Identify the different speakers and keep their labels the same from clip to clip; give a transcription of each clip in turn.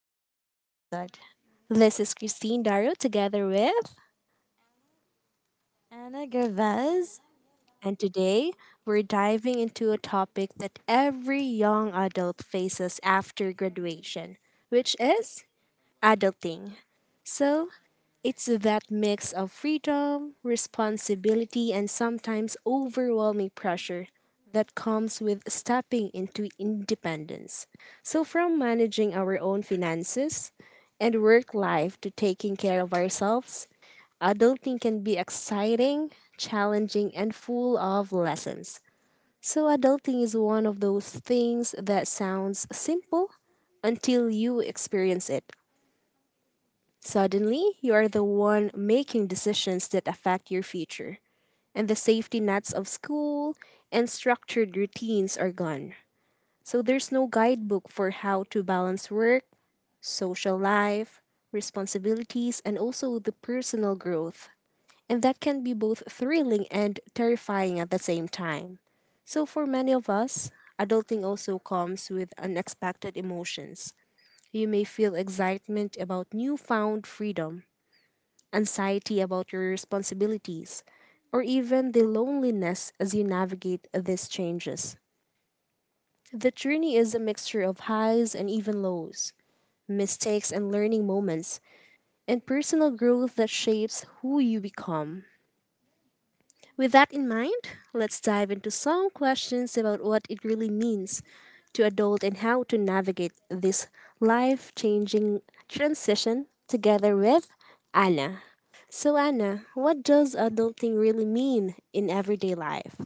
Speaker 1: today's episode. This is Christine Darrow together with,
Speaker 2: Anna Gervais.
Speaker 1: and today we're diving into a topic that every young adult faces after graduation, which is adulting. So, it's that mix of freedom, responsibility, and sometimes overwhelming pressure that comes with stepping into independence. So, from managing our own finances and work life to taking care of ourselves, adulting can be exciting, challenging, and full of lessons. So, adulting is one of those things that sounds simple until you experience it. Suddenly, you are the one making decisions that affect your future, and the safety nets of school and structured routines are gone. So, there's no guidebook for how to balance work, social life, responsibilities, and also the personal growth. And that can be both thrilling and terrifying at the same time. So, for many of us, adulting also comes with unexpected emotions. You may feel excitement about newfound freedom, anxiety about your responsibilities, or even the loneliness as you navigate these changes. The journey is a mixture of highs and even lows, mistakes and learning moments, and personal growth that shapes who you become. With that in mind, let's dive into some questions about what it really means to adult and how to navigate this life changing transition together with Anna. So, Anna, what does adulting really mean in everyday life?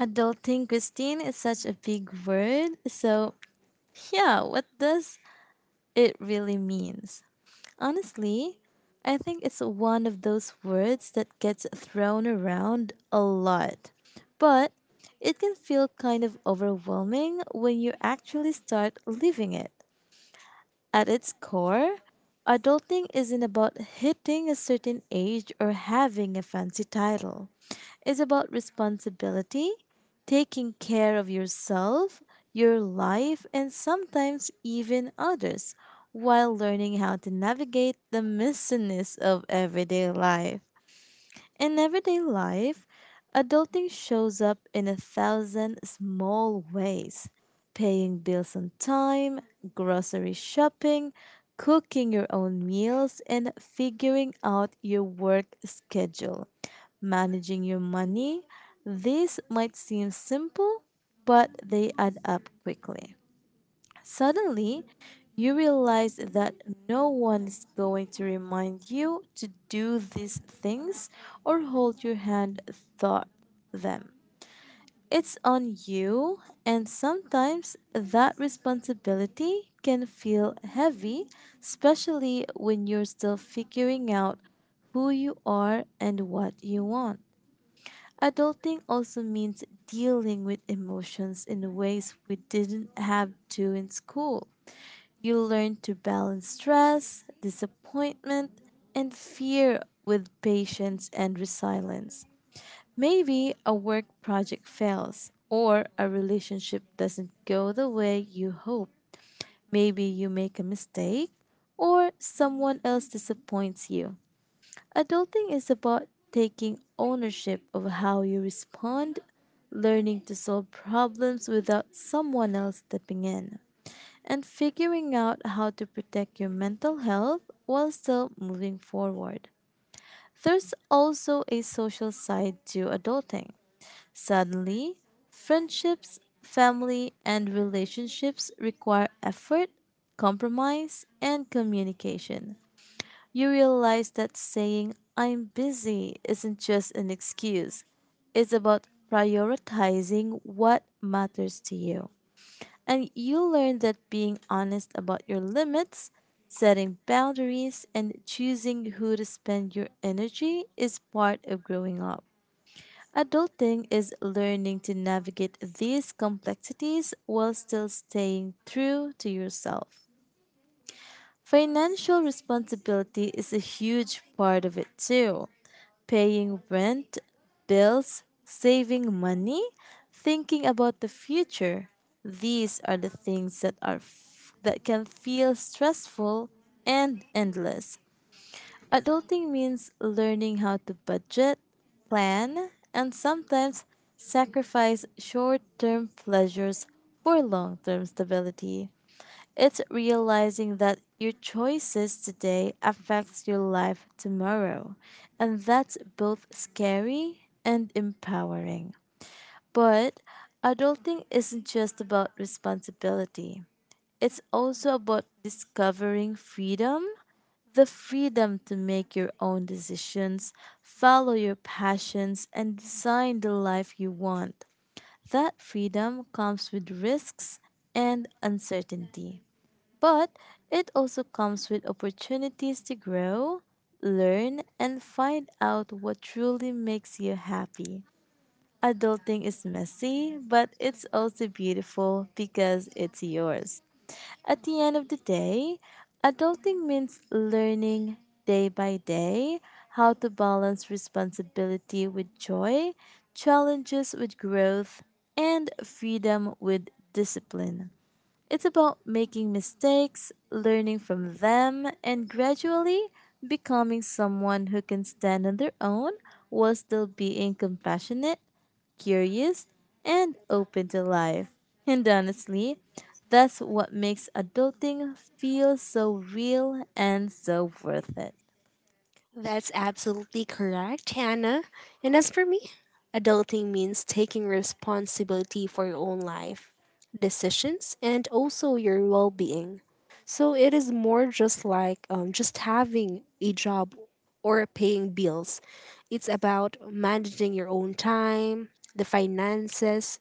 Speaker 2: Adulting Christine is such a big word. So, yeah, what does it really means? Honestly, I think it's one of those words that gets thrown around a lot. But it can feel kind of overwhelming when you actually start living it. At its core, adulting isn't about hitting a certain age or having a fancy title. It's about responsibility, taking care of yourself, your life, and sometimes even others, while learning how to navigate the messiness of everyday life. In everyday life, adulting shows up in a thousand small ways paying bills on time, grocery shopping, cooking your own meals, and figuring out your work schedule. Managing your money, these might seem simple, but they add up quickly. Suddenly, you realize that no one is going to remind you to do these things or hold your hand through them. It's on you, and sometimes that responsibility can feel heavy, especially when you're still figuring out who you are and what you want. Adulting also means dealing with emotions in ways we didn't have to in school. You learn to balance stress, disappointment, and fear with patience and resilience. Maybe a work project fails or a relationship doesn't go the way you hope. Maybe you make a mistake or someone else disappoints you. Adulting is about taking ownership of how you respond, learning to solve problems without someone else stepping in and figuring out how to protect your mental health while still moving forward. There's also a social side to adulting. Suddenly, friendships, family, and relationships require effort, compromise, and communication. You realize that saying, "I'm busy," isn't just an excuse, it's about prioritizing what matters to you. And you learn that being honest about your limits, setting boundaries, and choosing who to spend your energy is part of growing up. Adulting is learning to navigate these complexities while still staying true to yourself. Financial responsibility is a huge part of it too paying rent, bills, saving money, thinking about the future. These are the things that can feel stressful and endless. Adulting means learning how to budget, plan, and sometimes sacrifice short-term pleasures for long-term stability. It's realizing that your choices today affects your life tomorrow, and that's both scary and empowering. But adulting isn't just about responsibility. It's also about discovering freedom, the freedom to make your own decisions, follow your passions, and design the life you want. That freedom comes with risks and uncertainty. But it also comes with opportunities to grow, learn, and find out what truly makes you happy. Adulting is messy, but it's also beautiful because it's yours. At the end of the day, adulting means learning day by day how to balance responsibility with joy, challenges with growth, and freedom with discipline. It's about making mistakes, learning from them, and gradually becoming someone who can stand on their own while still being compassionate, curious, and open to life. And honestly, that's what makes adulting feel so real and so worth it.
Speaker 1: That's absolutely correct, Hannah. And as for me, adulting means taking responsibility for your own life, decisions, and also your well being. So it is more just like just having a job or paying bills. It's about managing your own time, the finances,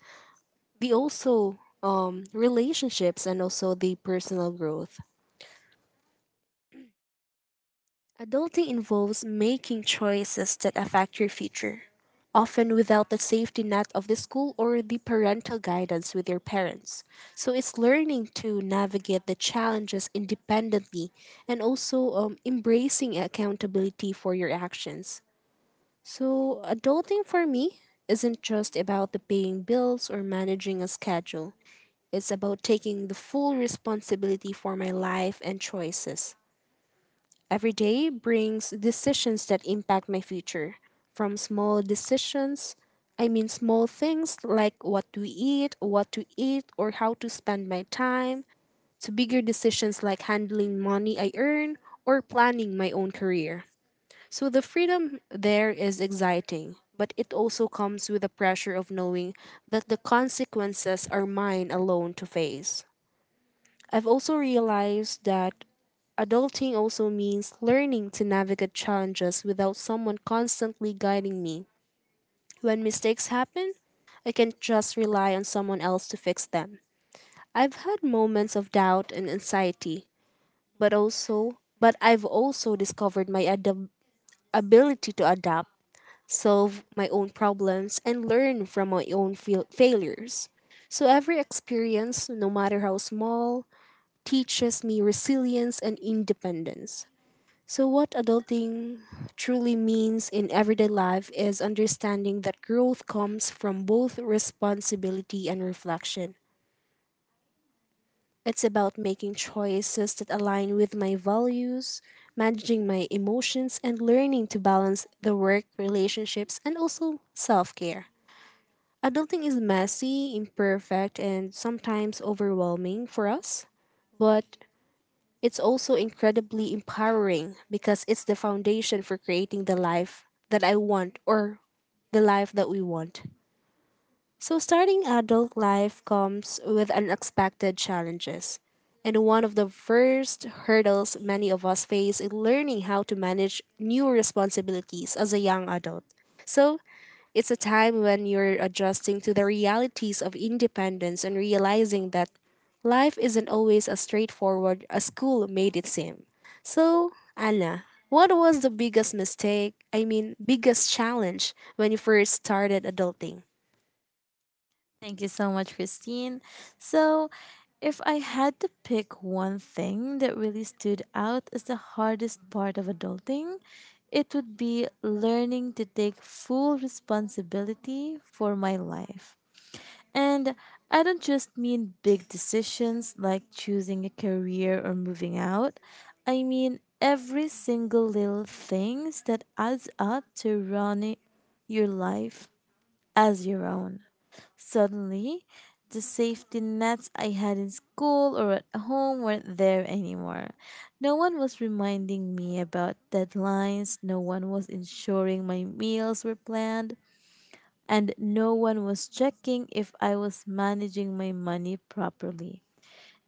Speaker 1: the also relationships, and also the personal growth. Adulting involves making choices that affect your future, often without the safety net of the school or the parental guidance with your parents. So it's learning to navigate the challenges independently and also embracing accountability for your actions. So, adulting for me isn't just about the paying bills or managing a schedule. It's about taking the full responsibility for my life and choices. Every day brings decisions that impact my future. From small decisions, I mean small things like what to eat, or how to spend my time, to bigger decisions like handling money I earn or planning my own career. So the freedom there is exciting, but it also comes with the pressure of knowing that the consequences are mine alone to face. I've also realized that adulting also means learning to navigate challenges without someone constantly guiding me. When mistakes happen, I can't just rely on someone else to fix them. I've had moments of doubt and anxiety, but I've also discovered my ability to adapt, solve my own problems, and learn from my own failures. So every experience, no matter how small, teaches me resilience and independence. So, what adulting truly means in everyday life is understanding that growth comes from both responsibility and reflection. It's about making choices that align with my values, managing my emotions, and learning to balance the work, relationships, and also self care. Adulting is messy, imperfect, and sometimes overwhelming for us, but it's also incredibly empowering because it's the foundation for creating the life that I want or the life that we want. So, starting adult life comes with unexpected challenges. And one of the first hurdles many of us face is learning how to manage new responsibilities as a young adult. So, it's a time when you're adjusting to the realities of independence and realizing that life isn't always as straightforward as school made it seem. So, Anna, what was the biggest mistake, I mean, biggest challenge when you first started adulting?
Speaker 2: Thank you so much, Christine. So, if I had to pick one thing that really stood out as the hardest part of adulting, it would be learning to take full responsibility for my life. And I don't just mean big decisions like choosing a career or moving out. I mean every single little things that adds up to running your life as your own. Suddenly, the safety nets I had in school or at home weren't there anymore. No one was reminding me about deadlines, no one was ensuring my meals were planned, and no one was checking if I was managing my money properly.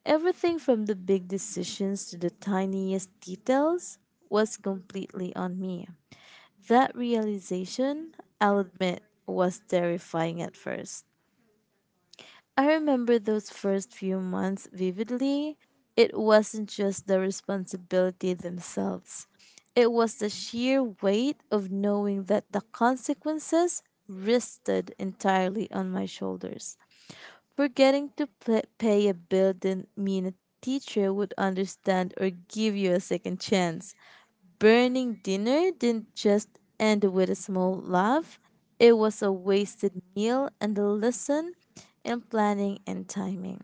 Speaker 2: Everything from the big decisions to the tiniest details was completely on me. That realization, I'll admit, was terrifying at first. I remember those first few months vividly. It wasn't just the responsibility themselves, it was the sheer weight of knowing that the consequences rested entirely on my shoulders. Forgetting to pla pay a bill didn't mean a teacher would understand or give you a second chance burning dinner didn't just end with a small laugh, it was a wasted meal and a lesson in planning and timing.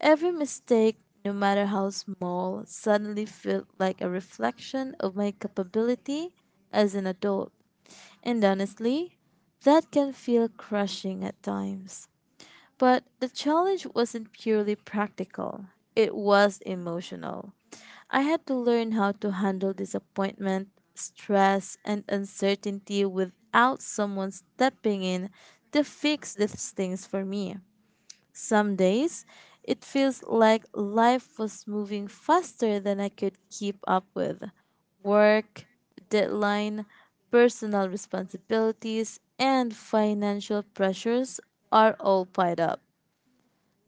Speaker 2: Every mistake, no matter how small, suddenly felt like a reflection of my capability as an adult. And honestly, that can feel crushing at times. But the challenge wasn't purely practical, it was emotional. I had to learn how to handle disappointment, stress, and uncertainty without someone stepping in to fix these things for me. Some days, it feels like life was moving faster than I could keep up with. Work, deadline, personal responsibilities, and financial pressures are all piled up.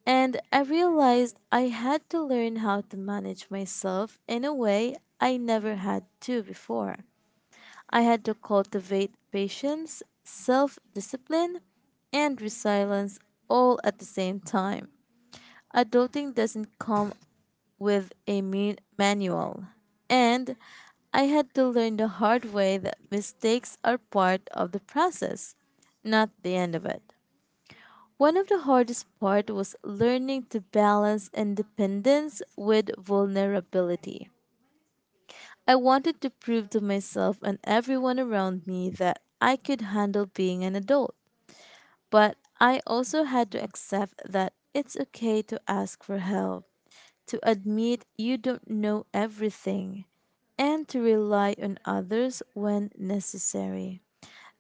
Speaker 2: And I realized I had to learn how to manage myself in a way I never had to before. I had to cultivate patience, self discipline, and resilience all at the same time. Adulting doesn't come with a mean manual. And I had to learn the hard way that mistakes are part of the process, not the end of it. One of the hardest part was learning to balance independence with vulnerability. I wanted to prove to myself and everyone around me that I could handle being an adult, but I also had to accept that it's okay to ask for help, to admit you don't know everything, and to rely on others when necessary.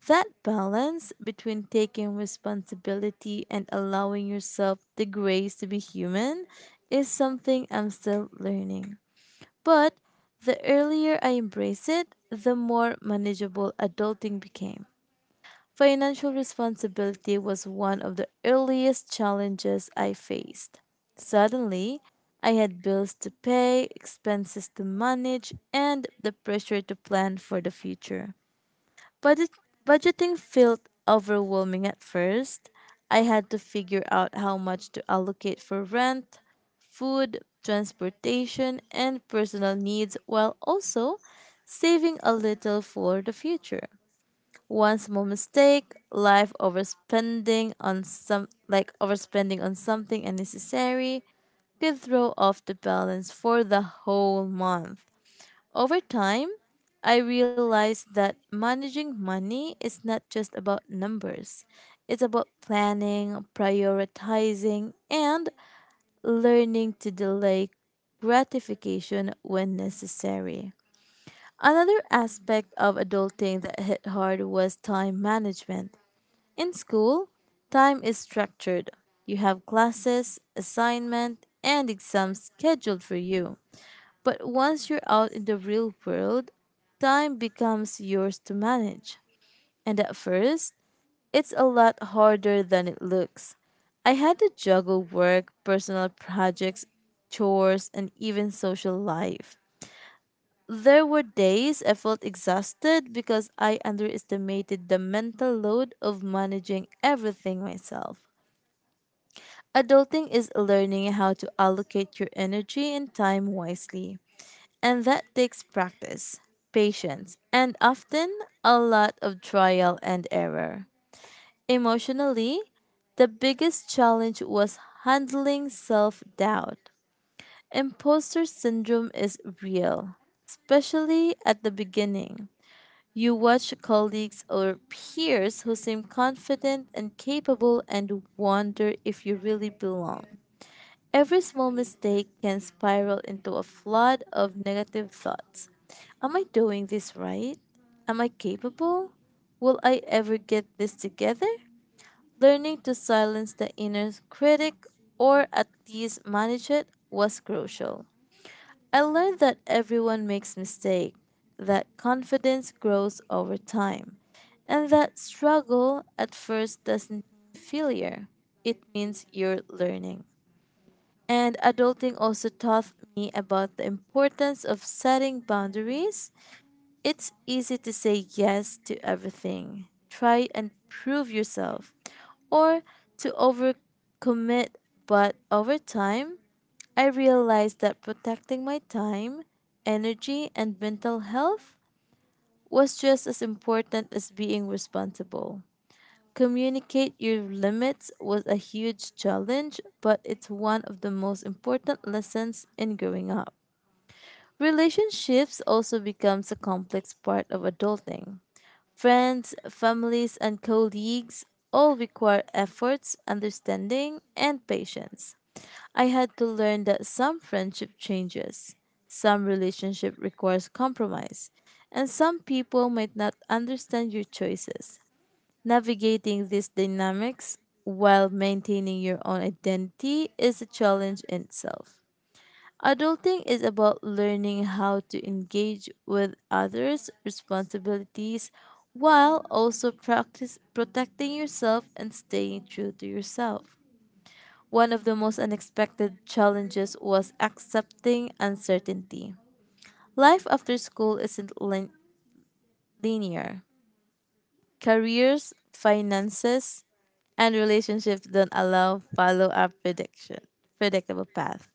Speaker 2: That balance between taking responsibility and allowing yourself the grace to be human is something I'm still learning. But the earlier I embrace it, the more manageable adulting became. Financial responsibility was one of the earliest challenges I faced. Suddenly, I had bills to pay, expenses to manage, and the pressure to plan for the future. Budget- Budgeting felt overwhelming at first. I had to figure out how much to allocate for rent, food, transportation, and personal needs while also saving a little for the future. One small mistake, life overspending on some like overspending on something unnecessary could throw off the balance for the whole month. Over time, I realized that managing money is not just about numbers. It's about planning, prioritizing, and learning to delay gratification when necessary. Another aspect of adulting that hit hard was time management. In school, time is structured. You have classes, assignment, and exams scheduled for you. But once you're out in the real world, time becomes yours to manage. And at first, it's a lot harder than it looks. I had to juggle work, personal projects, chores, and even social life. There were days I felt exhausted because I underestimated the mental load of managing everything myself. Adulting is learning how to allocate your energy and time wisely. And that takes practice, patience, and often a lot of trial and error. Emotionally, the biggest challenge was handling self doubt. Imposter syndrome is real, especially at the beginning. You watch colleagues or peers who seem confident and capable and wonder if you really belong. Every small mistake can spiral into a flood of negative thoughts. Am I doing this right? Am I capable? Will I ever get this together? Learning to silence the inner critic or at least manage it was crucial. I learned that everyone makes mistakes, that confidence grows over time, and that struggle at first doesn't mean failure. It means you're learning. And adulting also taught me about the importance of setting boundaries. It's easy to say yes to everything, try and prove yourself, or to overcommit. But over time, I realized that protecting my time, energy, and mental health was just as important as being responsible. Communicate your limits was a huge challenge, but it's one of the most important lessons in growing up. Relationships also becomes a complex part of adulting. Friends, families, and colleagues all require efforts, understanding, and patience. I had to learn that some friendship changes, some relationship requires compromise, and some people might not understand your choices. Navigating these dynamics while maintaining your own identity is a challenge in itself. Adulting is about learning how to engage with others' responsibilities while also practice protecting yourself and staying true to yourself. One of the most unexpected challenges was accepting uncertainty. Life after school isn't lin- linear. Careers, finances, and relationships don't allow follow up prediction predictable path.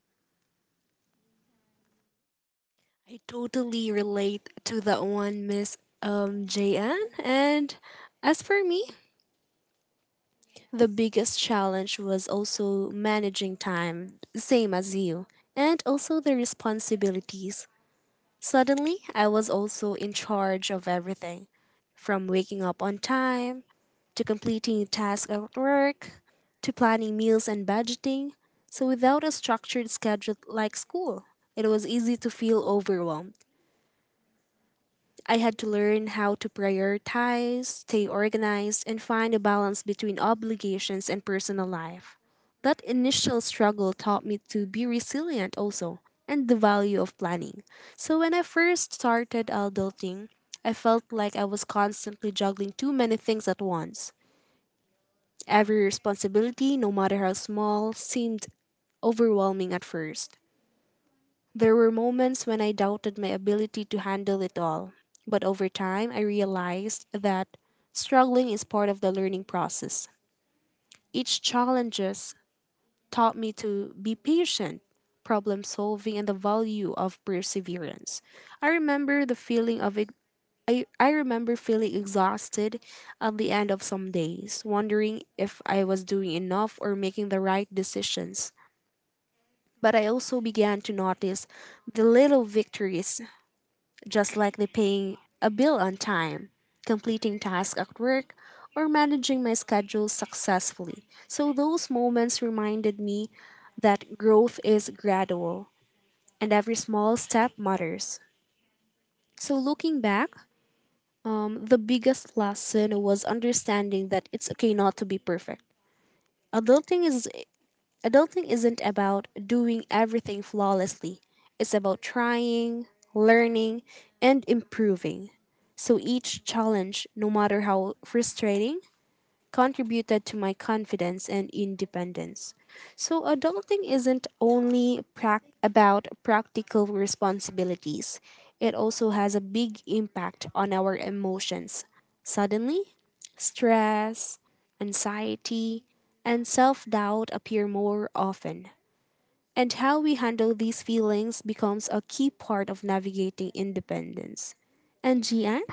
Speaker 1: I totally relate to that one, Miss JN, and as for me, the biggest challenge was also managing time, same as you, and also the responsibilities. Suddenly, I was also in charge of everything, from waking up on time, to completing tasks at work, to planning meals and budgeting. So, without a structured schedule like school, it was easy to feel overwhelmed. I had to learn how to prioritize, stay organized, and find a balance between obligations and personal life. That initial struggle taught me to be resilient also and the value of planning. So when I first started adulting, I felt like I was constantly juggling too many things at once. Every responsibility, no matter how small, seemed overwhelming at first. There were moments when I doubted my ability to handle it all, but over time I realized that struggling is part of the learning process. Each challenges taught me to be patient, problem solving, and the value of perseverance. I remember the feeling of ex- I remember feeling exhausted at the end of some days, wondering if I was doing enough or making the right decisions. But I also began to notice the little victories, just like the paying a bill on time, completing tasks at work, or managing my schedule successfully. So those moments reminded me that growth is gradual and every small step matters. So looking back, the biggest lesson was understanding that it's okay not to be perfect. Adulting is Adulting isn't about doing everything flawlessly, it's about trying, learning, and improving. So each challenge, no matter how frustrating, contributed to my confidence and independence. So, adulting isn't only about practical responsibilities, it also has a big impact on our emotions. Suddenly, stress, anxiety, and self doubt appear more often. And how we handle these feelings becomes a key part of navigating independence. And Gian?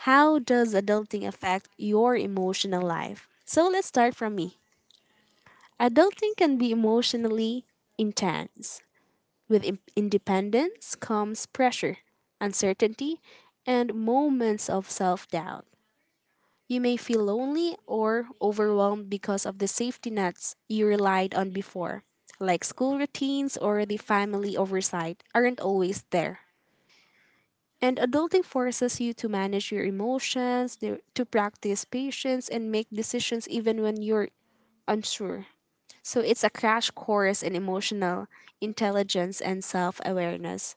Speaker 1: How does adulting affect your emotional life? So let's start from me. Adulting can be emotionally intense. With independence comes pressure, uncertainty, and moments of self doubt. You may feel lonely or overwhelmed because of the safety nets you relied on before, like school routines or the family oversight, aren't always there. And adulting forces you to manage your emotions, to practice patience, and make decisions even when you're unsure. So it's a crash course in emotional intelligence and self awareness.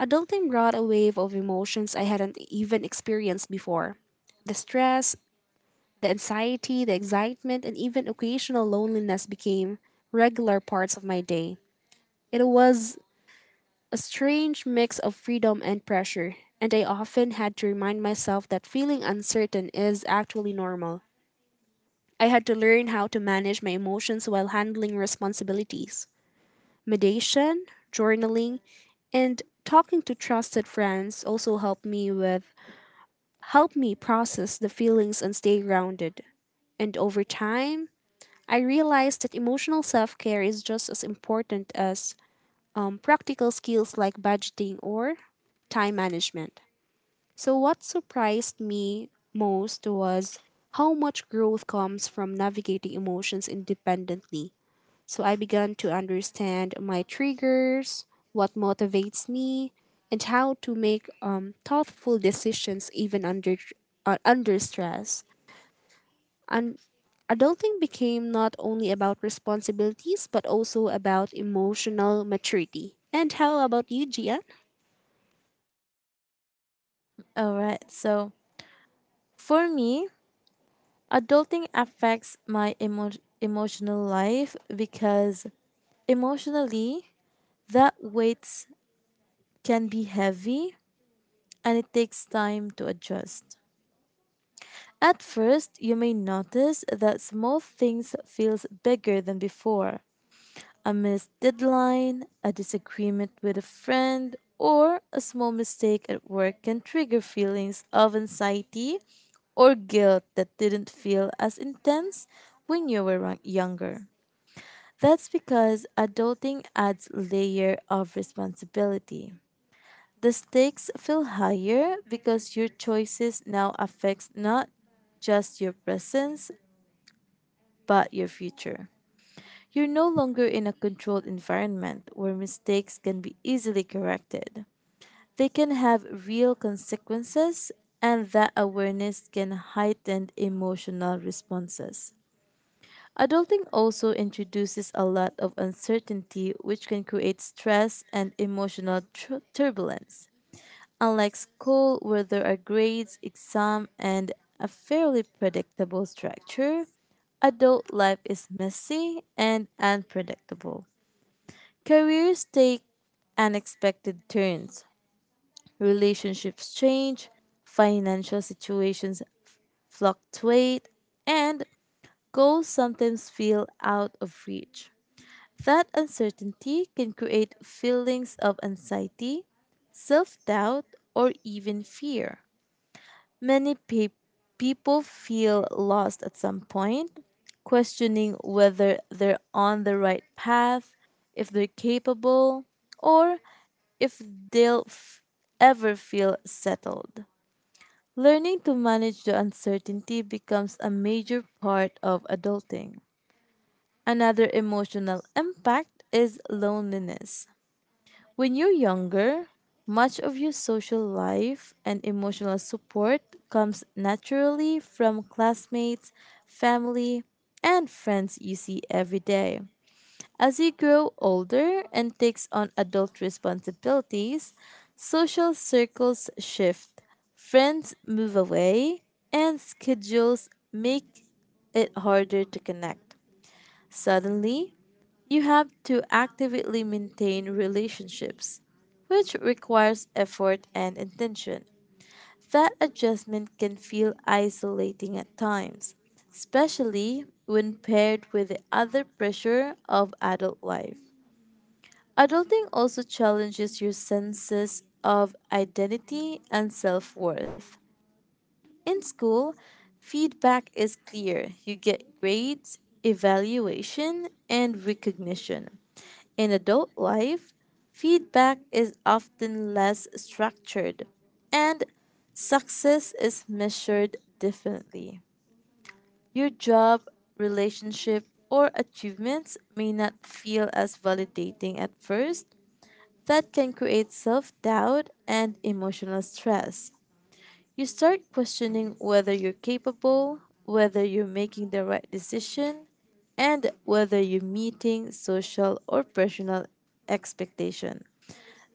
Speaker 1: Adulting brought a wave of emotions I hadn't even experienced before. The stress, the anxiety, the excitement, and even occasional loneliness became regular parts of my day. It was a strange mix of freedom and pressure, and I often had to remind myself that feeling uncertain is actually normal. I had to learn how to manage my emotions while handling responsibilities. Meditation, journaling, and talking to trusted friends also help me process the feelings and stay grounded. And over time, I realized that emotional self-care is just as important as practical skills like budgeting or time management. So, what surprised me most was how much growth comes from navigating emotions independently. So, I began to understand my triggers, what motivates me, and how to make thoughtful decisions even under stress. And adulting became not only about responsibilities, but also about emotional maturity. And how about you, Gia?
Speaker 2: All right. So for me, adulting affects my emotional life because emotionally that weight can be heavy and it takes time to adjust. At first, you may notice that small things feels bigger than before, a missed deadline, a disagreement with a friend, or a small mistake at work can trigger feelings of anxiety or guilt that didn't feel as intense when you younger. That's because adulting adds layer of responsibility. The stakes feel higher because your choices now affects not just your presence but your future. You're no longer in a controlled environment where mistakes can be easily corrected. They can have real consequences, and that awareness can heighten emotional responses. Adulting also introduces a lot of uncertainty, which can create stress and emotional turbulence. Unlike school, where there are grades, exam, and a fairly predictable structure, adult life is messy and unpredictable. Careers take unexpected turns, relationships change, financial situations fluctuate, and goals sometimes feel out of reach. That uncertainty can create feelings of anxiety, self doubt, or even fear. Many pe- people feel lost at some point, questioning whether they're on the right path, if they're capable, or if they'll f- ever feel settled. Learning to manage the uncertainty becomes a major part of adulting. Another emotional impact is loneliness. When you're younger, much of your social life and emotional support comes naturally from classmates, family, and friends you see every day. As you grow older and takes on adult responsibilities, social circles shift, friends move away, and schedules make it harder to connect. Suddenly, you have to actively maintain relationships, which requires effort and intention. That adjustment can feel isolating at times, especially when paired with the other pressure of adult life. Adulting also challenges your senses of identity and self worth. In school, feedback is clear. You get grades, evaluation, and recognition. In adult life, feedback is often less structured, and success is measured differently. Your job, relationship, or achievements may not feel as validating at first, that can create self doubt and emotional stress. You start questioning whether you're capable, whether you're making the right decision, and whether you're meeting social or personal expectation.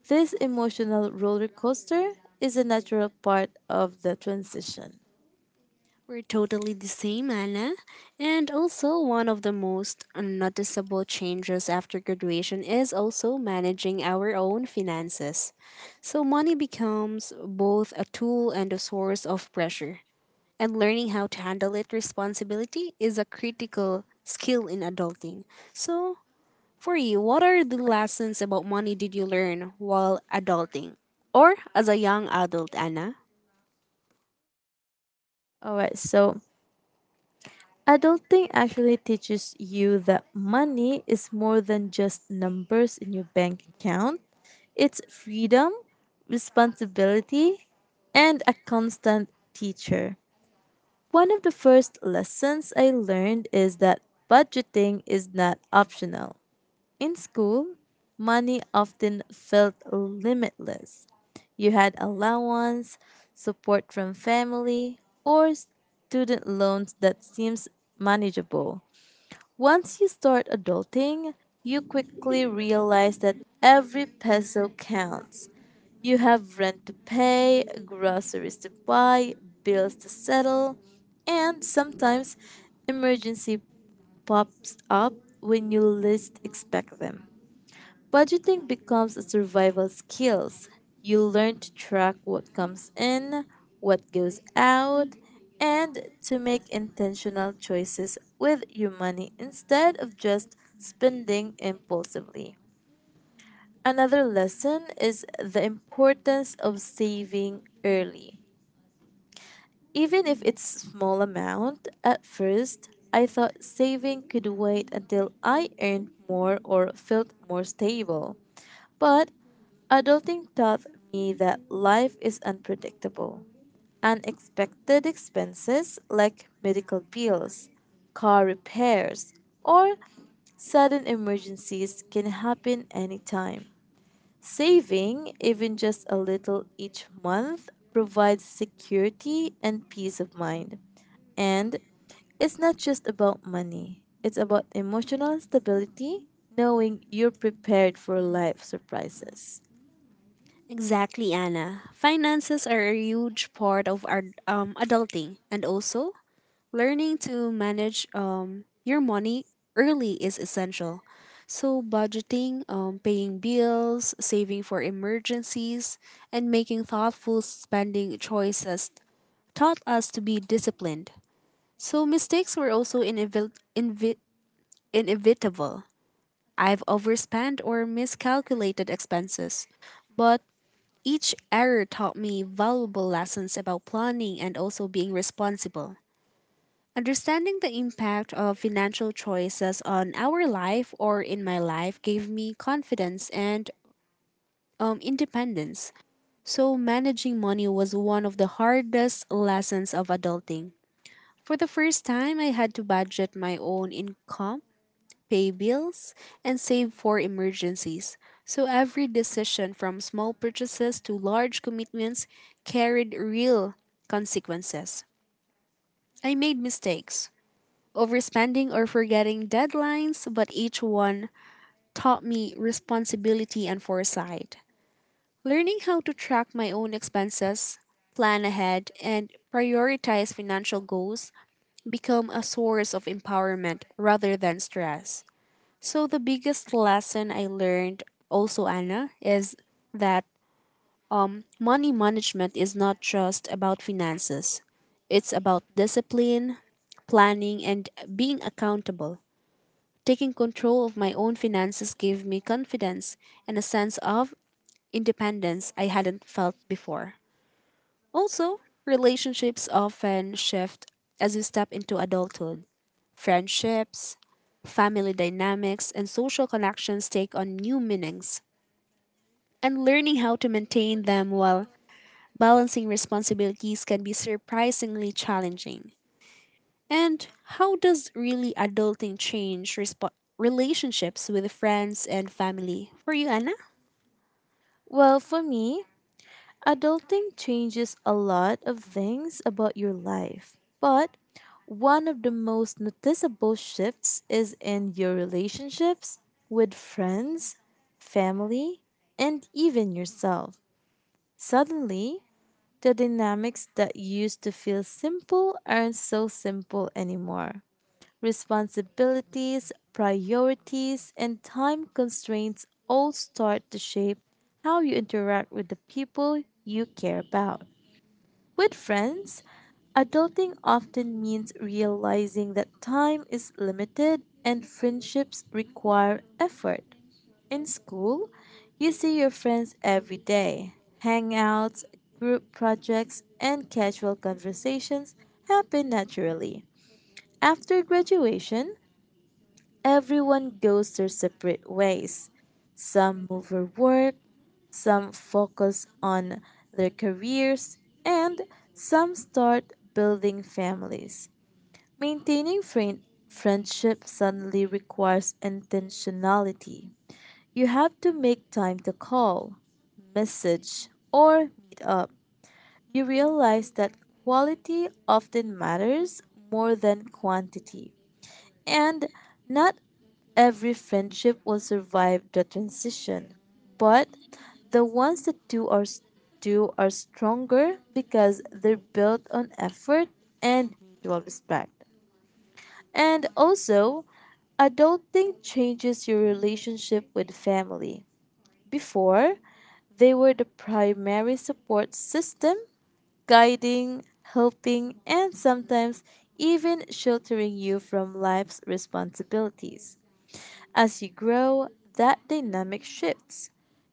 Speaker 2: This emotional roller coaster is a natural part of the transition.
Speaker 1: We're totally the same, Anna. And also, one of the most noticeable changes after graduation is also managing our own finances. So, money becomes both a tool and a source of pressure. And learning how to handle it responsibility is a critical skill in adulting. So, for you, what are the lessons about money did you learn while adulting? Or as a young adult, Anna?
Speaker 2: All right, so adulting actually teaches you that money is more than just numbers in your bank account. It's freedom, responsibility, and a constant teacher. One of the first lessons I learned is that budgeting is not optional. In school, money often felt limitless. You had allowance, support from family, or student loans that seems manageable. Once you start adulting, you quickly realize that every peso counts. You have rent to pay, groceries to buy, bills to settle, and sometimes emergency pops up when you least expect them. Budgeting becomes a survival skills. You learn to track what comes in, what goes out, and to make intentional choices with your money instead of just spending impulsively. Another lesson is the importance of saving early. Even if it's small amount, at first I thought saving could wait until I earned more or felt more stable. But adulting taught me that life is unpredictable. Unexpected expenses like medical bills, car repairs, or sudden emergencies can happen anytime. Saving, even just a little each month, provides security and peace of mind. And it's not just about money, it's about emotional stability, knowing you're prepared for life surprises.
Speaker 1: Exactly, Anna. Finances are a huge part of our adulting, and also learning to manage your money early is essential. So, budgeting, paying bills, saving for emergencies, and making thoughtful spending choices taught us to be disciplined. So, mistakes were also invi- inevitable. I've overspent or miscalculated expenses, but each error taught me valuable lessons about planning and also being responsible. Understanding the impact of financial choices on our life or in my life gave me confidence and independence. So, managing money was one of the hardest lessons of adulting. For the first time, I had to budget my own income, pay bills, and save for emergencies. So every decision, from small purchases to large commitments, carried real consequences. I made mistakes, overspending or forgetting deadlines, but each one taught me responsibility and foresight. Learning how to track my own expenses, plan ahead, and prioritize financial goals become a source of empowerment rather than stress. So the biggest lesson I learned also, Anna, is that money management is not just about finances. It's about discipline, planning, and being accountable. Taking control of my own finances gave me confidence and a sense of independence I hadn't felt before. Also, relationships often shift as you step into adulthood. Friendships, family dynamics, and social connections take on new meanings, and learning how to maintain them while balancing responsibilities can be surprisingly challenging. And how does really adulting change relationships with friends and family? For you, Anna?
Speaker 2: Well, for me, adulting changes a lot of things about your life, but one of the most noticeable shifts is in your relationships with friends, family, and even yourself. Suddenly, the dynamics that used to feel simple aren't so simple anymore. Responsibilities, priorities, and time constraints all start to shape how you interact with the people you care about. With friends, adulting often means realizing that time is limited and friendships require effort. In school, you see your friends every day. Hangouts, group projects, and casual conversations happen naturally. After graduation, everyone goes their separate ways. Some move for work, some focus on their careers, and some start building families. Maintaining friend- friendship suddenly requires intentionality. You have to make time to call, message, or meet up. You realize that quality often matters more than quantity. And not every friendship will survive the transition, but the ones that do are stronger because they're built on effort and mutual respect. And also, adulting changes your relationship with family. Before, they were the primary support system, guiding, helping, and sometimes even sheltering you from life's responsibilities. As you grow, that dynamic shifts.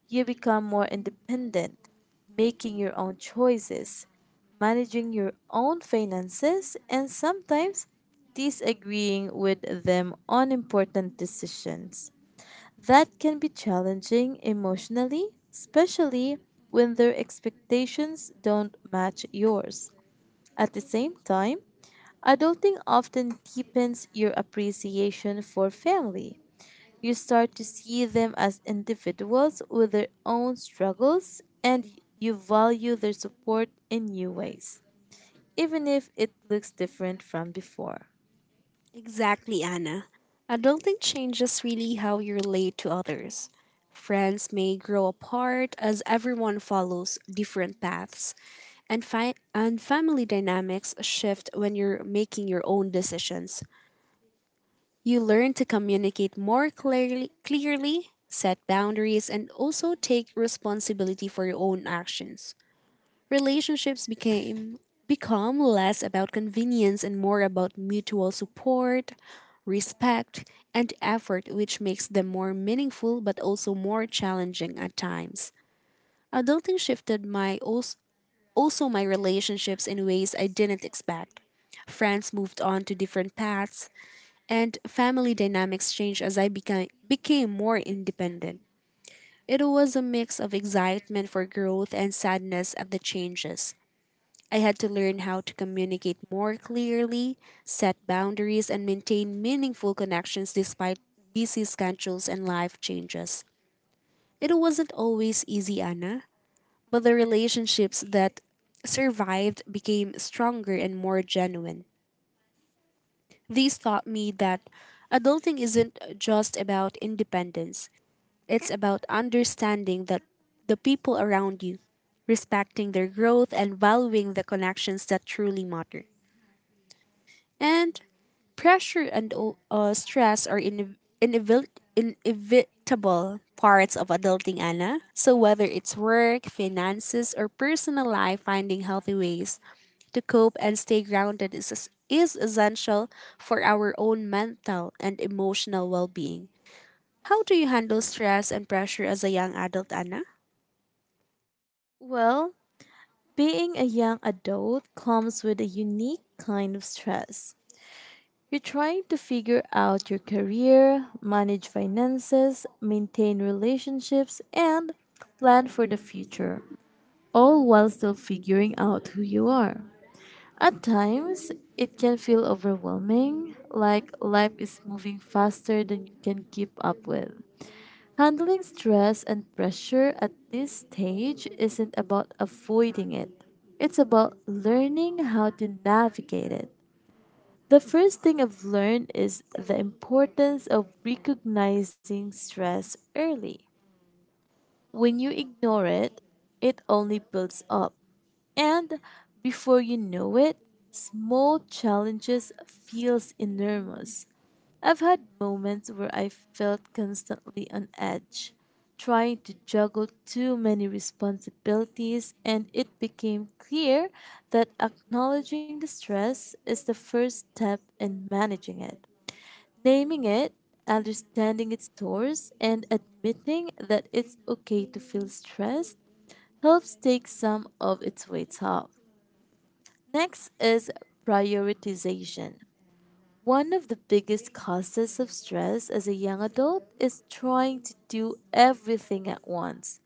Speaker 2: You become more independent, making your own choices, managing your own finances, and sometimes disagreeing with them on important decisions. That can be challenging emotionally, especially when their expectations don't match yours. At the same time, adulting often deepens your appreciation for family. You start to see them as individuals with their own struggles, and you value their support in new ways, even if it looks different from before.
Speaker 1: Exactly, Anna. Adulting changes really how you relate to others. Friends may grow apart as everyone follows different paths, and family dynamics shift when you're making your own decisions. You learn to communicate more clearly, clearly set boundaries, and also take responsibility for your own actions. Relationships became become less about convenience and more about mutual support, respect, and effort, which makes them more meaningful but also more challenging at times. Adulting also my relationships in ways I didn't expect. Friends moved on to different paths, and family dynamics changed as I became more independent. It was a mix of excitement for growth and sadness at the changes. I had to learn how to communicate more clearly, set boundaries, and maintain meaningful connections despite busy schedules and life changes. It wasn't always easy, Anna, but the relationships that survived became stronger and more genuine. These taught me that adulting isn't just about independence, it's about understanding that the people around you, respecting their growth, and valuing the connections that truly matter. And pressure and o- stress are in- inevit- inevitable parts of adulting, Anna. So whether it's work, finances, or personal life, finding healthy ways to cope and stay grounded is essential for our own mental and emotional well-being. How do you handle stress and pressure as a young adult, Anna?
Speaker 2: Well, being a young adult comes with a unique kind of stress. You're trying to figure out your career, manage finances, maintain relationships, and plan for the future, all while still figuring out who you are. At times, it can feel overwhelming, like life is moving faster than you can keep up with. Handling stress and pressure at this stage isn't about avoiding it, it's about learning how to navigate it. The first thing I've learned is the importance of recognizing stress early. When you ignore it, it only builds up. And before you know it, small challenges feels enormous. I've had moments where I felt constantly on edge, trying to juggle too many responsibilities, and it became clear that acknowledging the stress is the first step in managing it. Naming it, understanding its source, and admitting that it's okay to feel stressed helps take some of its weight off. Next is prioritization. One of the biggest causes of stress as a young adult is trying to do everything at once.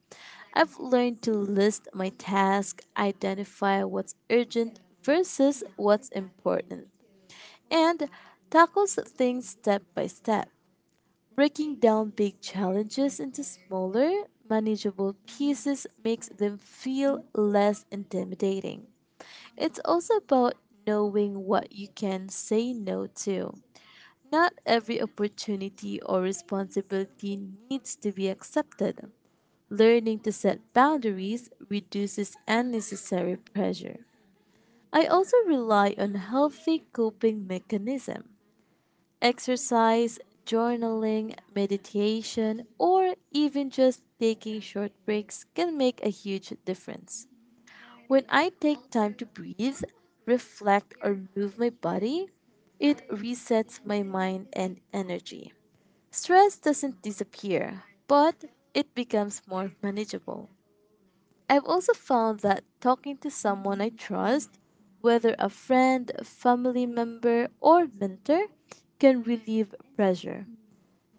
Speaker 2: I've learned to list my tasks, identify what's urgent versus what's important, and tackles things step by step. Breaking down big challenges into smaller, manageable pieces makes them feel less intimidating. It's also about knowing what you can say no to. Not every opportunity or responsibility needs to be accepted. Learning to set boundaries reduces unnecessary pressure. I also rely on healthy coping mechanisms: exercise, journaling, meditation, or even just taking short breaks can make a huge difference. When I take time to breathe, reflect, or move my body, it resets my mind and energy. Stress doesn't disappear, but it becomes more manageable. I've also found that talking to someone I trust, whether a friend, family member, or mentor, can relieve pressure.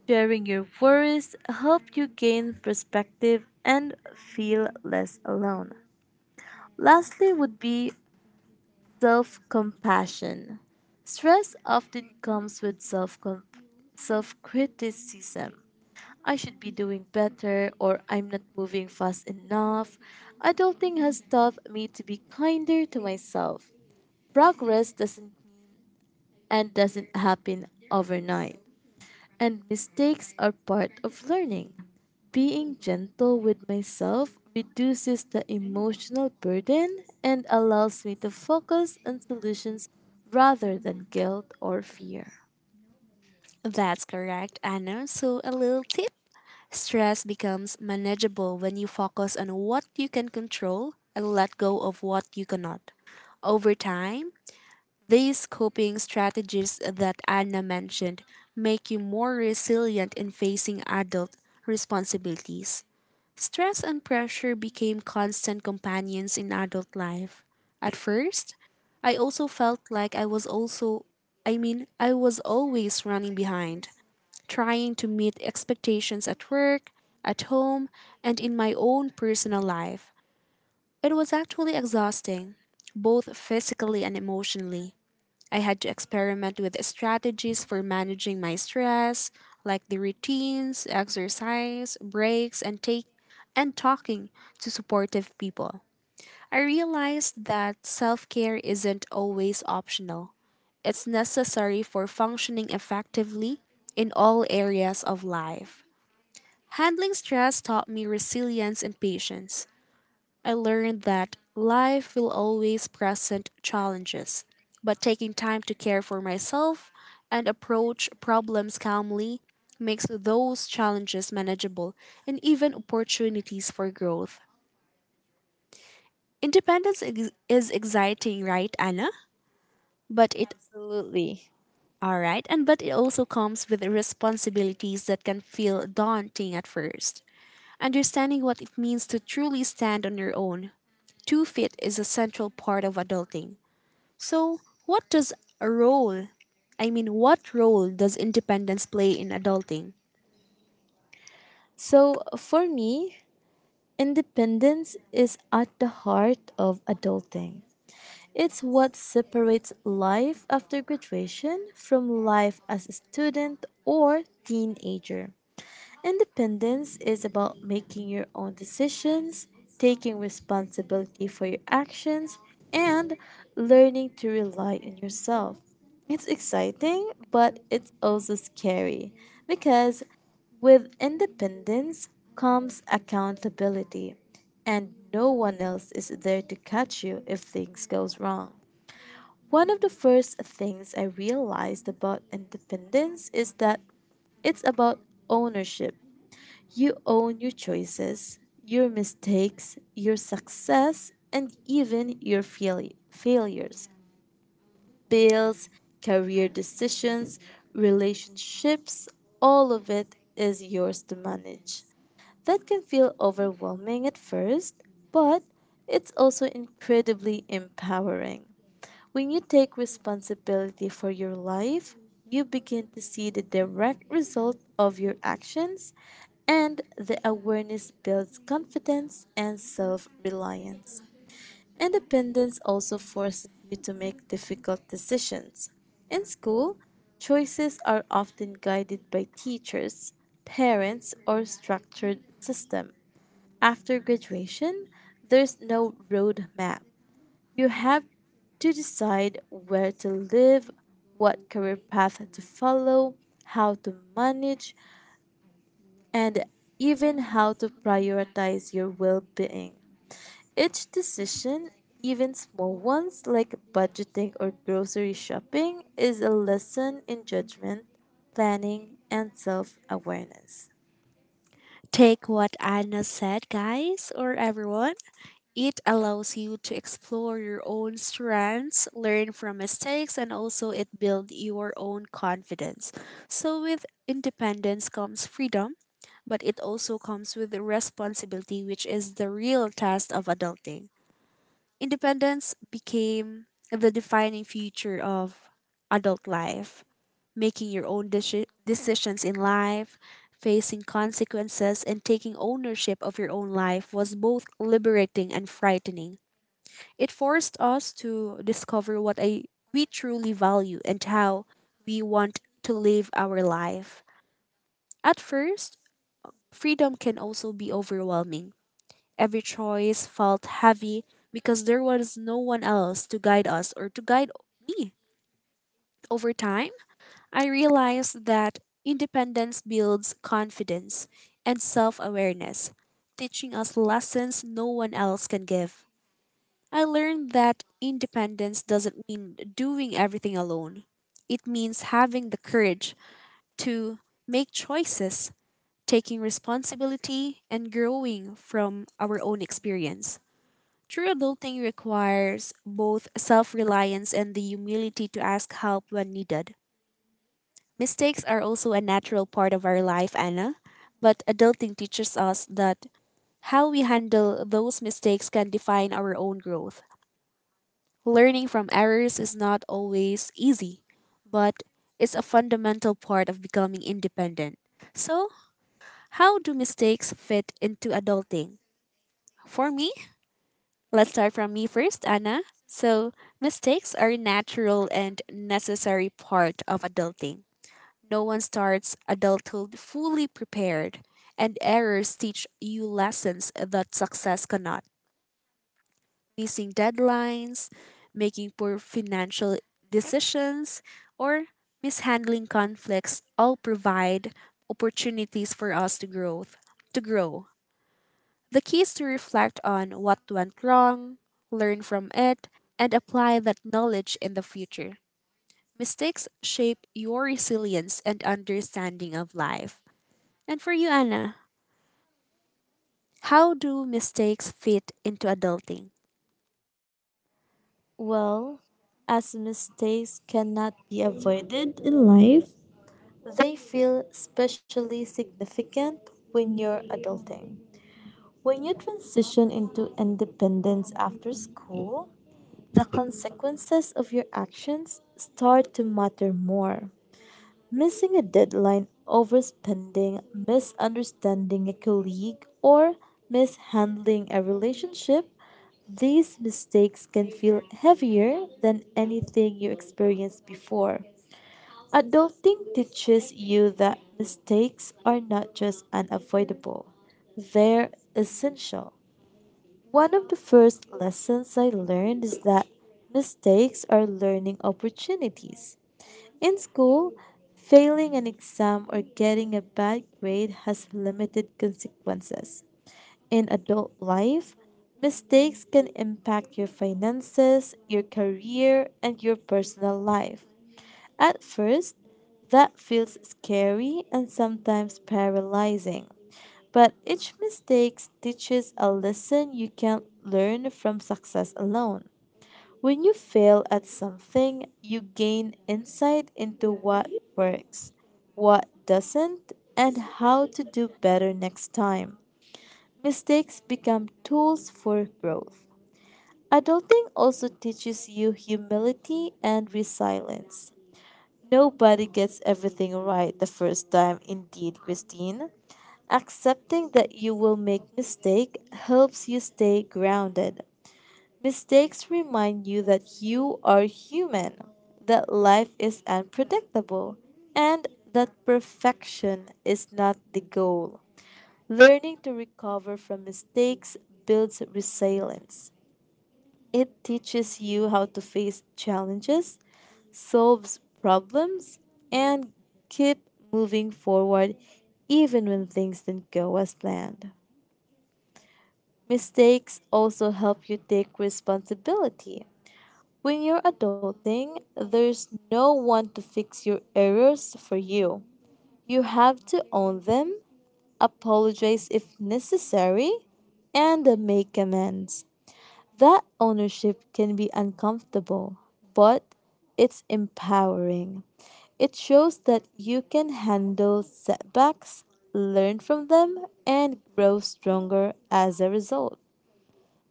Speaker 2: Sharing your worries help you gain perspective and feel less alone. Lastly would be self compassion. Stress often comes with self criticism. I should be doing better or I'm not moving fast enough. Adulting has taught me to be kinder to myself. Progress doesn't happen overnight, and mistakes are part of learning. Being gentle with myself reduces the emotional burden and allows me to focus on solutions rather than guilt or fear.
Speaker 1: That's correct, Anna. So a little tip: stress becomes manageable when you focus on what you can control and let go of what you cannot. Over time, these coping strategies that Anna mentioned make you more resilient in facing adult responsibilities. Stress and pressure became constant companions in adult life. At first, I also felt like I was also I mean, I was always running behind, trying to meet expectations at work, at home, and in my own personal life. It was actually exhausting, both physically and emotionally. I had to experiment with strategies for managing my stress, like the routines, exercise, breaks, and take and talking to supportive people. I realized that self care isn't always optional. It's necessary for functioning effectively in all areas of life. Handling stress taught me resilience and patience. I learned that life will always present challenges, but taking time to care for myself and approach problems calmly makes those challenges manageable and even opportunities for growth. Independence is exciting, right, Anna? But it
Speaker 2: Absolutely.
Speaker 1: all right, and but it also comes with responsibilities that can feel daunting at first. Understanding what it means to truly stand on your own, two feet is a central part of adulting. So, what does a role? I mean, what role does independence play in adulting?
Speaker 2: So, for me, independence is at the heart of adulting. It's what separates life after graduation from life as a student or teenager. Independence is about making your own decisions, taking responsibility for your actions, and learning to rely on yourself. It's exciting, but it's also scary because with independence comes accountability, and no one else is there to catch you if things goes wrong. One of the first things I realized about independence is that it's about ownership. You own your choices, your mistakes, your success, and even your failures. Bills, career decisions, relationships, all of it is yours to manage. That can feel overwhelming at first, but it's also incredibly empowering. When you take responsibility for your life, you begin to see the direct result of your actions and the awareness builds confidence and self reliance. Independence also forces you to make difficult decisions. In school, choices are often guided by teachers, parents, or structured system. After graduation, there's no roadmap. You have to decide where to live, what career path to follow, how to manage, and even how to prioritize your well being. Each decision, even small ones like budgeting or grocery shopping, is a lesson in judgment, planning, and self awareness.
Speaker 1: Take what Anna said, guys, or everyone. It allows you to explore your own strengths, learn from mistakes, and also it builds your own confidence. So, with independence comes freedom, but it also comes with responsibility, which is the real test of adulting. Independence became the defining feature of adult life. Making your own decisions in life, facing consequences, and taking ownership of your own life was both liberating and frightening. It forced us to discover what we truly value and how we want to live our life. At first, freedom can also be overwhelming. Every choice felt heavy because there was no one else to guide us or to guide me. Over time, I realized that independence builds confidence and self awareness, teaching us lessons no one else can give. I learned that independence doesn't mean doing everything alone. It means having the courage to make choices, taking responsibility, and growing from our own experience. True adulting requires both self reliance and the humility to ask help when needed. Mistakes are also a natural part of our life, Anna, but adulting teaches us that how we handle those mistakes can define our own growth. Learning from errors is not always easy, but it's a fundamental part of becoming independent. So, how do mistakes fit into adulting? For me, Let's start from me first, Anna. So, mistakes are a natural and necessary part of adulting. No one starts adulthood fully prepared, and errors teach you lessons that success cannot. Missing deadlines, making poor financial decisions, or mishandling conflicts all provide opportunities for us to grow. To grow. The key is to reflect on what went wrong, learn from it, and apply that knowledge in the future. Mistakes shape your resilience and understanding of life. And for you, Anna, how do mistakes fit into adulting?
Speaker 2: Well, as mistakes cannot be avoided in life, they feel especially significant when you're adulting. When you transition into independence after school, the consequences of your actions start to matter more. Missing a deadline, overspending, misunderstanding a colleague, or mishandling a relationship, these mistakes can feel heavier than anything you experienced before. Adulting teaches you that mistakes are not just unavoidable, they're essential. One of the first lessons I learned is that mistakes are learning opportunities. In school, failing an exam or getting a bad grade has limited consequences. In adult life, mistakes can impact your finances, your career, and your personal life. At first, that feels scary and sometimes paralyzing. But each mistake teaches a lesson you can't learn from success alone. When you fail at something, you gain insight into what works, what doesn't, and how to do better next time. Mistakes become tools for growth. Adulting also teaches you humility and resilience. Nobody gets everything right the first time, indeed, Christine. Accepting that you will make mistakes helps you stay grounded. Mistakes remind you that you are human, that life is unpredictable, and that perfection is not the goal. Learning to recover from mistakes builds resilience. It teaches you how to face challenges, solves problems, and keep moving forward even when things didn't go as planned. Mistakes also help you take responsibility. When you're adulting, there's no one to fix your errors for you. You have to own them, apologize if necessary, and make amends. That ownership can be uncomfortable, but it's empowering. It shows that you can handle setbacks, learn from them, and grow stronger as a result.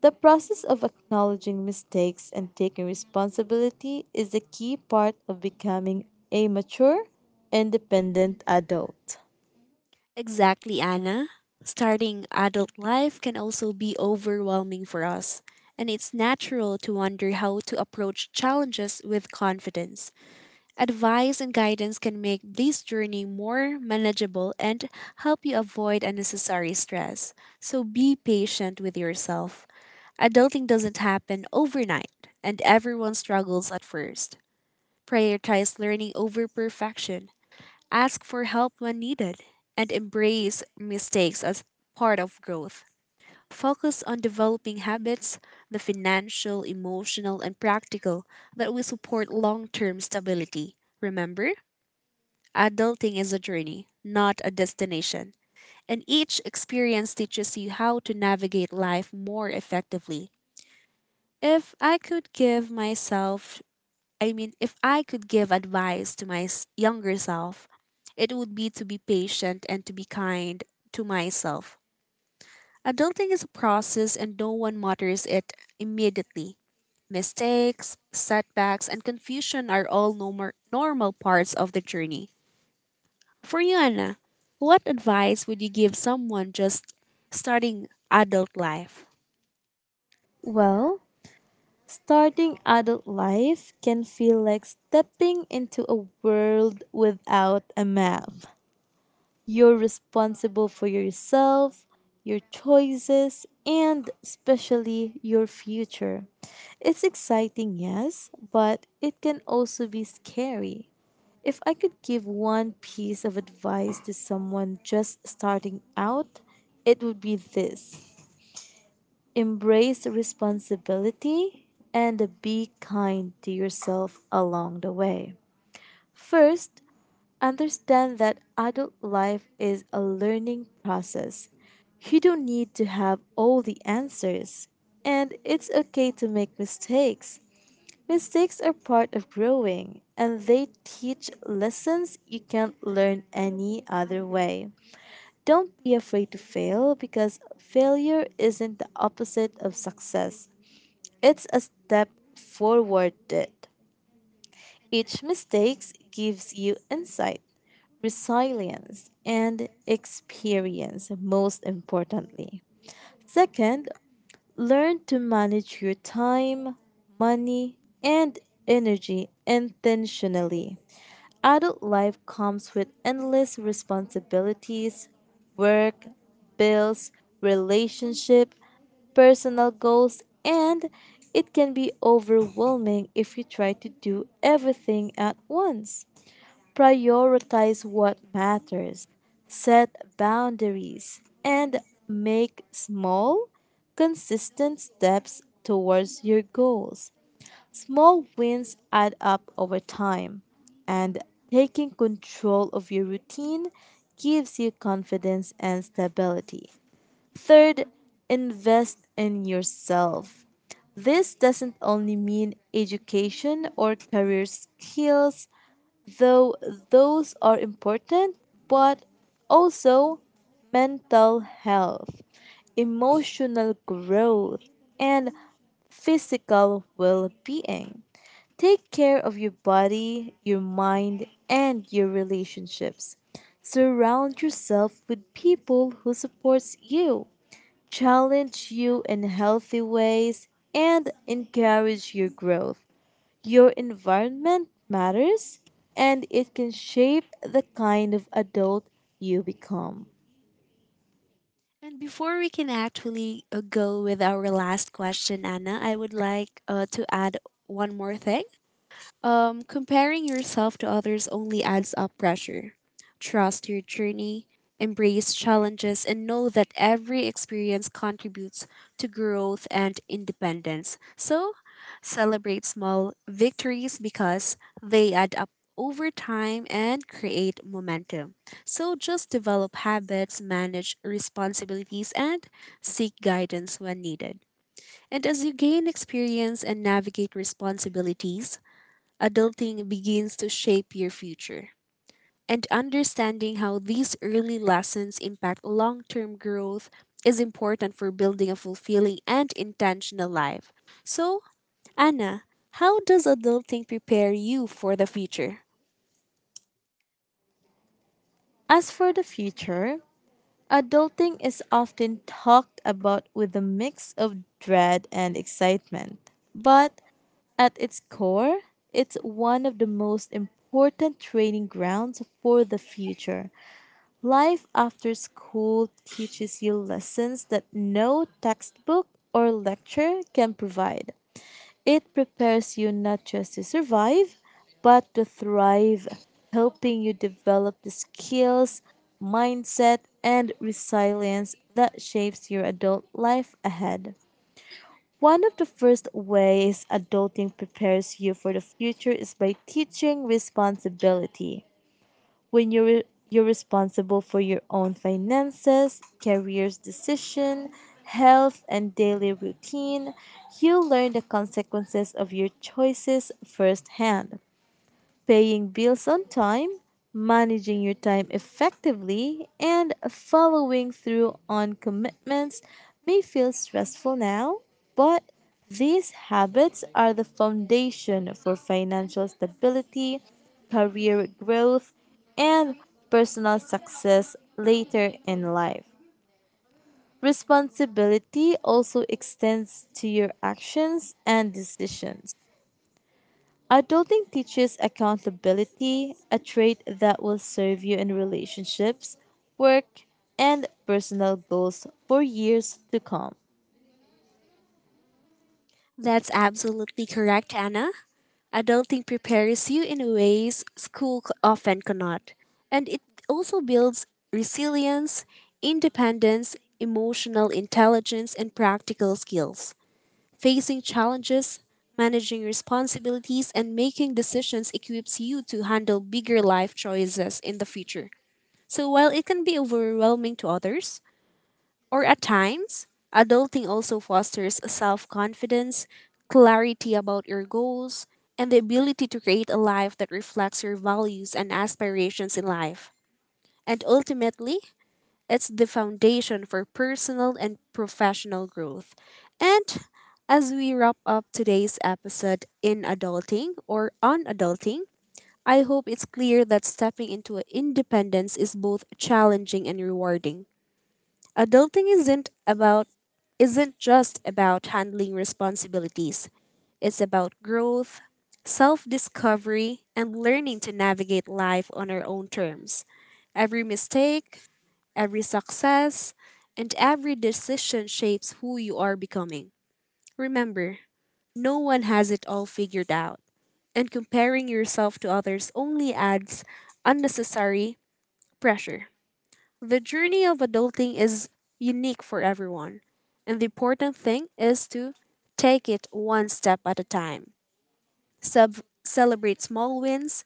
Speaker 2: The process of acknowledging mistakes and taking responsibility is a key part of becoming a mature, independent adult.
Speaker 1: Exactly, Anna. Starting adult life can also be overwhelming for us, and it's natural to wonder how to approach challenges with confidence. Advice and guidance can make this journey more manageable and help you avoid unnecessary stress. So be patient with yourself. Adulting doesn't happen overnight, and everyone struggles at first. Prioritize learning over perfection. Ask for help when needed, and embrace mistakes as part of growth. Focus on developing habits, the financial, emotional, and practical, that will support long term stability. Remember, adulting is a journey, not a destination, and each experience teaches you how to navigate life more effectively. If I could give myself, I mean, If I could give advice to my younger self, it would be to be patient and to be kind to myself. Adulting is a process and no one mutters it immediately. Mistakes, setbacks, and confusion are all normal parts of the journey. For you, Anna, what advice would you give someone just starting adult life?
Speaker 2: Well, starting adult life can feel like stepping into a world without a map. You're responsible for yourself, your choices, and especially your future. It's exciting, yes, but it can also be scary. If I could give one piece of advice to someone just starting out, it would be this: embrace responsibility and be kind to yourself along the way. First, understand that adult life is a learning process. You don't need to have all the answers, and it's okay to make mistakes. Mistakes are part of growing, and they teach lessons you can't learn any other way. Don't be afraid to fail, because failure isn't the opposite of success, it's a step forward. Each mistake gives you insight, resilience, and experience, most importantly. Second, learn to manage your time, money, and energy intentionally. Adult life comes with endless responsibilities: work, bills, relationship, personal goals, and it can be overwhelming if you try to do everything at once. Prioritize what matters, set boundaries, and make small, consistent steps towards your goals. Small wins add up over time, and taking control of your routine gives you confidence and stability. Third, invest in yourself. This doesn't only mean education or career skills, though those are important, but also mental health, emotional growth, and physical well being. Take care of your body, your mind, and your relationships. Surround yourself with people who supports you, challenge you in healthy ways, and encourage your growth. Your environment matters, and it can shape the kind of adult you become.
Speaker 1: And before we can actually go with our last question, Anna, I would like to add one more thing. Comparing yourself to others only adds up pressure. Trust your journey, embrace challenges, and know that every experience contributes to growth and independence. So, celebrate small victories because they add up over time and create momentum. So, just develop habits, manage responsibilities, and seek guidance when needed. And as you gain experience and navigate responsibilities, adulting begins to shape your future. And understanding how these early lessons impact long term growth is important for building a fulfilling and intentional life. So, Anna, how does adulting prepare you for the future?
Speaker 2: As for the future, adulting is often talked about with a mix of dread and excitement. But at its core, it's one of the most important training grounds for the future. Life after school teaches you lessons that no textbook or lecture can provide. It prepares you not just to survive, but to thrive, helping you develop the skills, mindset, and resilience that shapes your adult life ahead. One of the first ways adulting prepares you for the future is by teaching responsibility. When you're responsible for your own finances, career's decision, health and daily routine, you learn the consequences of your choices firsthand. Paying bills on time, managing your time effectively, and following through on commitments may feel stressful now, but these habits are the foundation for financial stability, career growth, and personal success later in life. Responsibility also extends to your actions and decisions. Adulting teaches accountability, a trait that will serve you in relationships, work, and personal goals for years to come.
Speaker 1: That's absolutely correct, Anna. Adulting prepares you in ways school often cannot. And it also builds resilience, independence, emotional intelligence, and practical skills. Facing challenges, managing responsibilities, and making decisions equips you to handle bigger life choices in the future. So while it can be overwhelming to others, or at times, adulting also fosters self confidence, clarity about your goals, and the ability to create a life that reflects your values and aspirations in life. And ultimately, it's the foundation for personal and professional growth. And as we wrap up today's episode in adulting or on adulting, I hope it's clear that stepping into independence is both challenging and rewarding. Adulting isn't just about handling responsibilities. It's about growth, self-discovery, and learning to navigate life on our own terms. Every mistake, every success, and every decision shapes who you are becoming. Remember, no one has it all figured out, and comparing yourself to others only adds unnecessary pressure. The journey of adulting is unique for everyone, and the important thing is to take it one step at a time. Celebrate small wins,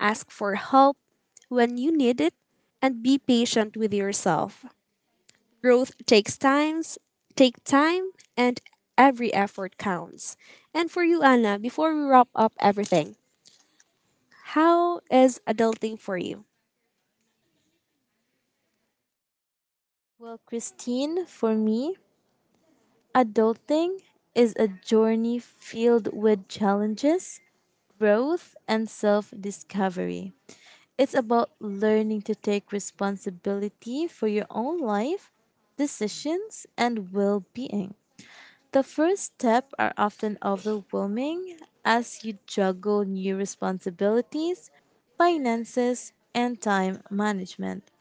Speaker 1: ask for help when you need it, and be patient with yourself. Growth takes time, and every effort counts. And for you, Anna, before we wrap up everything, how is adulting for you?
Speaker 2: Well, Christine, for me, adulting is a journey filled with challenges, growth, and self discovery. It's about learning to take responsibility for your own life, decisions, and well being. The first steps are often overwhelming as you juggle new responsibilities, finances, and time management.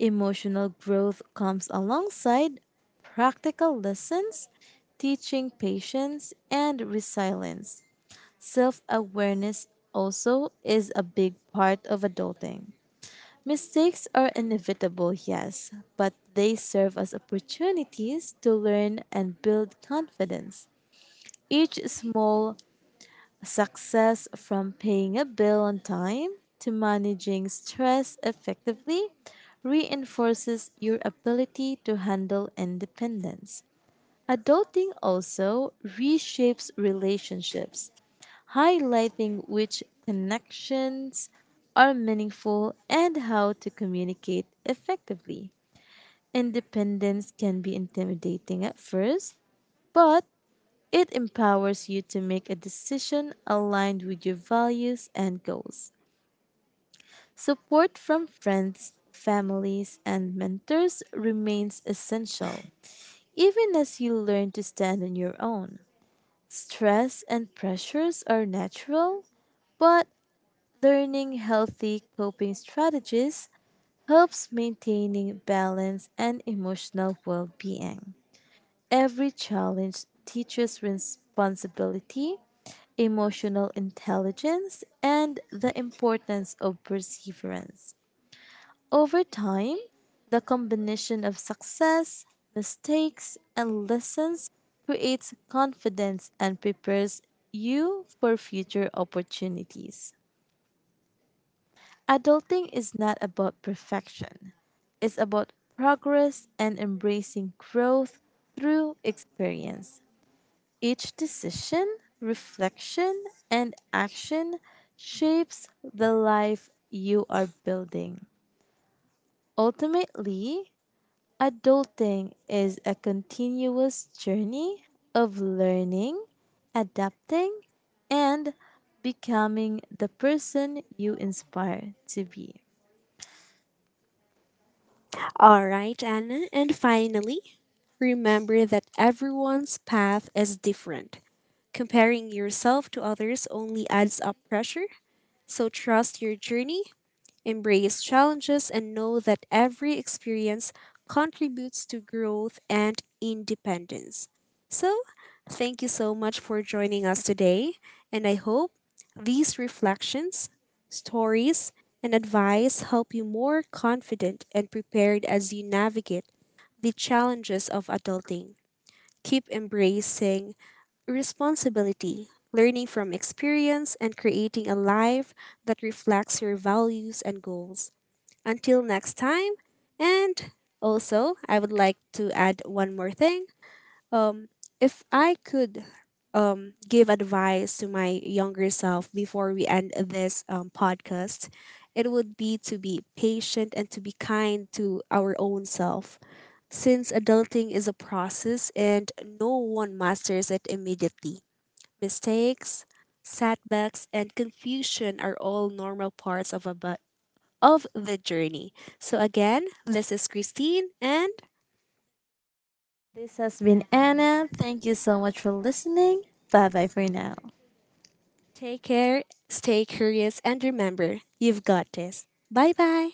Speaker 2: Emotional growth comes alongside practical lessons, teaching patience and resilience. Self awareness also is a big part of adulting. Mistakes are inevitable, yes, but they serve as opportunities to learn and build confidence. Each small success, from paying a bill on time to managing stress effectively, reinforces your ability to handle independence. Adulting also reshapes relationships, highlighting which connections are meaningful and how to communicate effectively. Independence can be intimidating at first, but it empowers you to make a decision aligned with your values and goals. Support from friends, families, and mentors remains essential, even as you learn to stand on your own. Stress and pressures are natural, but learning healthy coping strategies helps maintaining balance and emotional well-being. Every challenge teaches responsibility, emotional intelligence, and the importance of perseverance. Over time, the combination of success, mistakes, and lessons creates confidence and prepares you for future opportunities. Adulting is not about perfection, it's about progress and embracing growth through experience. Each decision, reflection, and action shapes the life you are building. Ultimately, adulting is a continuous journey of learning, adapting, and becoming the person you inspire to be.
Speaker 1: All right, Anna. And finally, remember that everyone's path is different. Comparing yourself to others only adds up pressure, so trust your journey, embrace challenges, and know that every experience contributes to growth and independence. So, thank you so much for joining us today, and I hope these reflections, stories, and advice help you more confident and prepared as you navigate the challenges of adulting. Keep embracing responsibility, learning from experience, and creating a life that reflects your values and goals. Until next time, and also I would like to add one more thing. Um, if I could give advice to my younger self before we end this podcast, it would be to be patient and to be kind to our own self, since adulting is a process and no one masters it immediately. Mistakes, setbacks, and confusion are all normal parts of the journey. So again, this is Christine, and
Speaker 2: This has been Anna. Thank you so much for listening. Bye bye for now.
Speaker 1: take care, stay curious, and remember, you've got this. Bye-bye.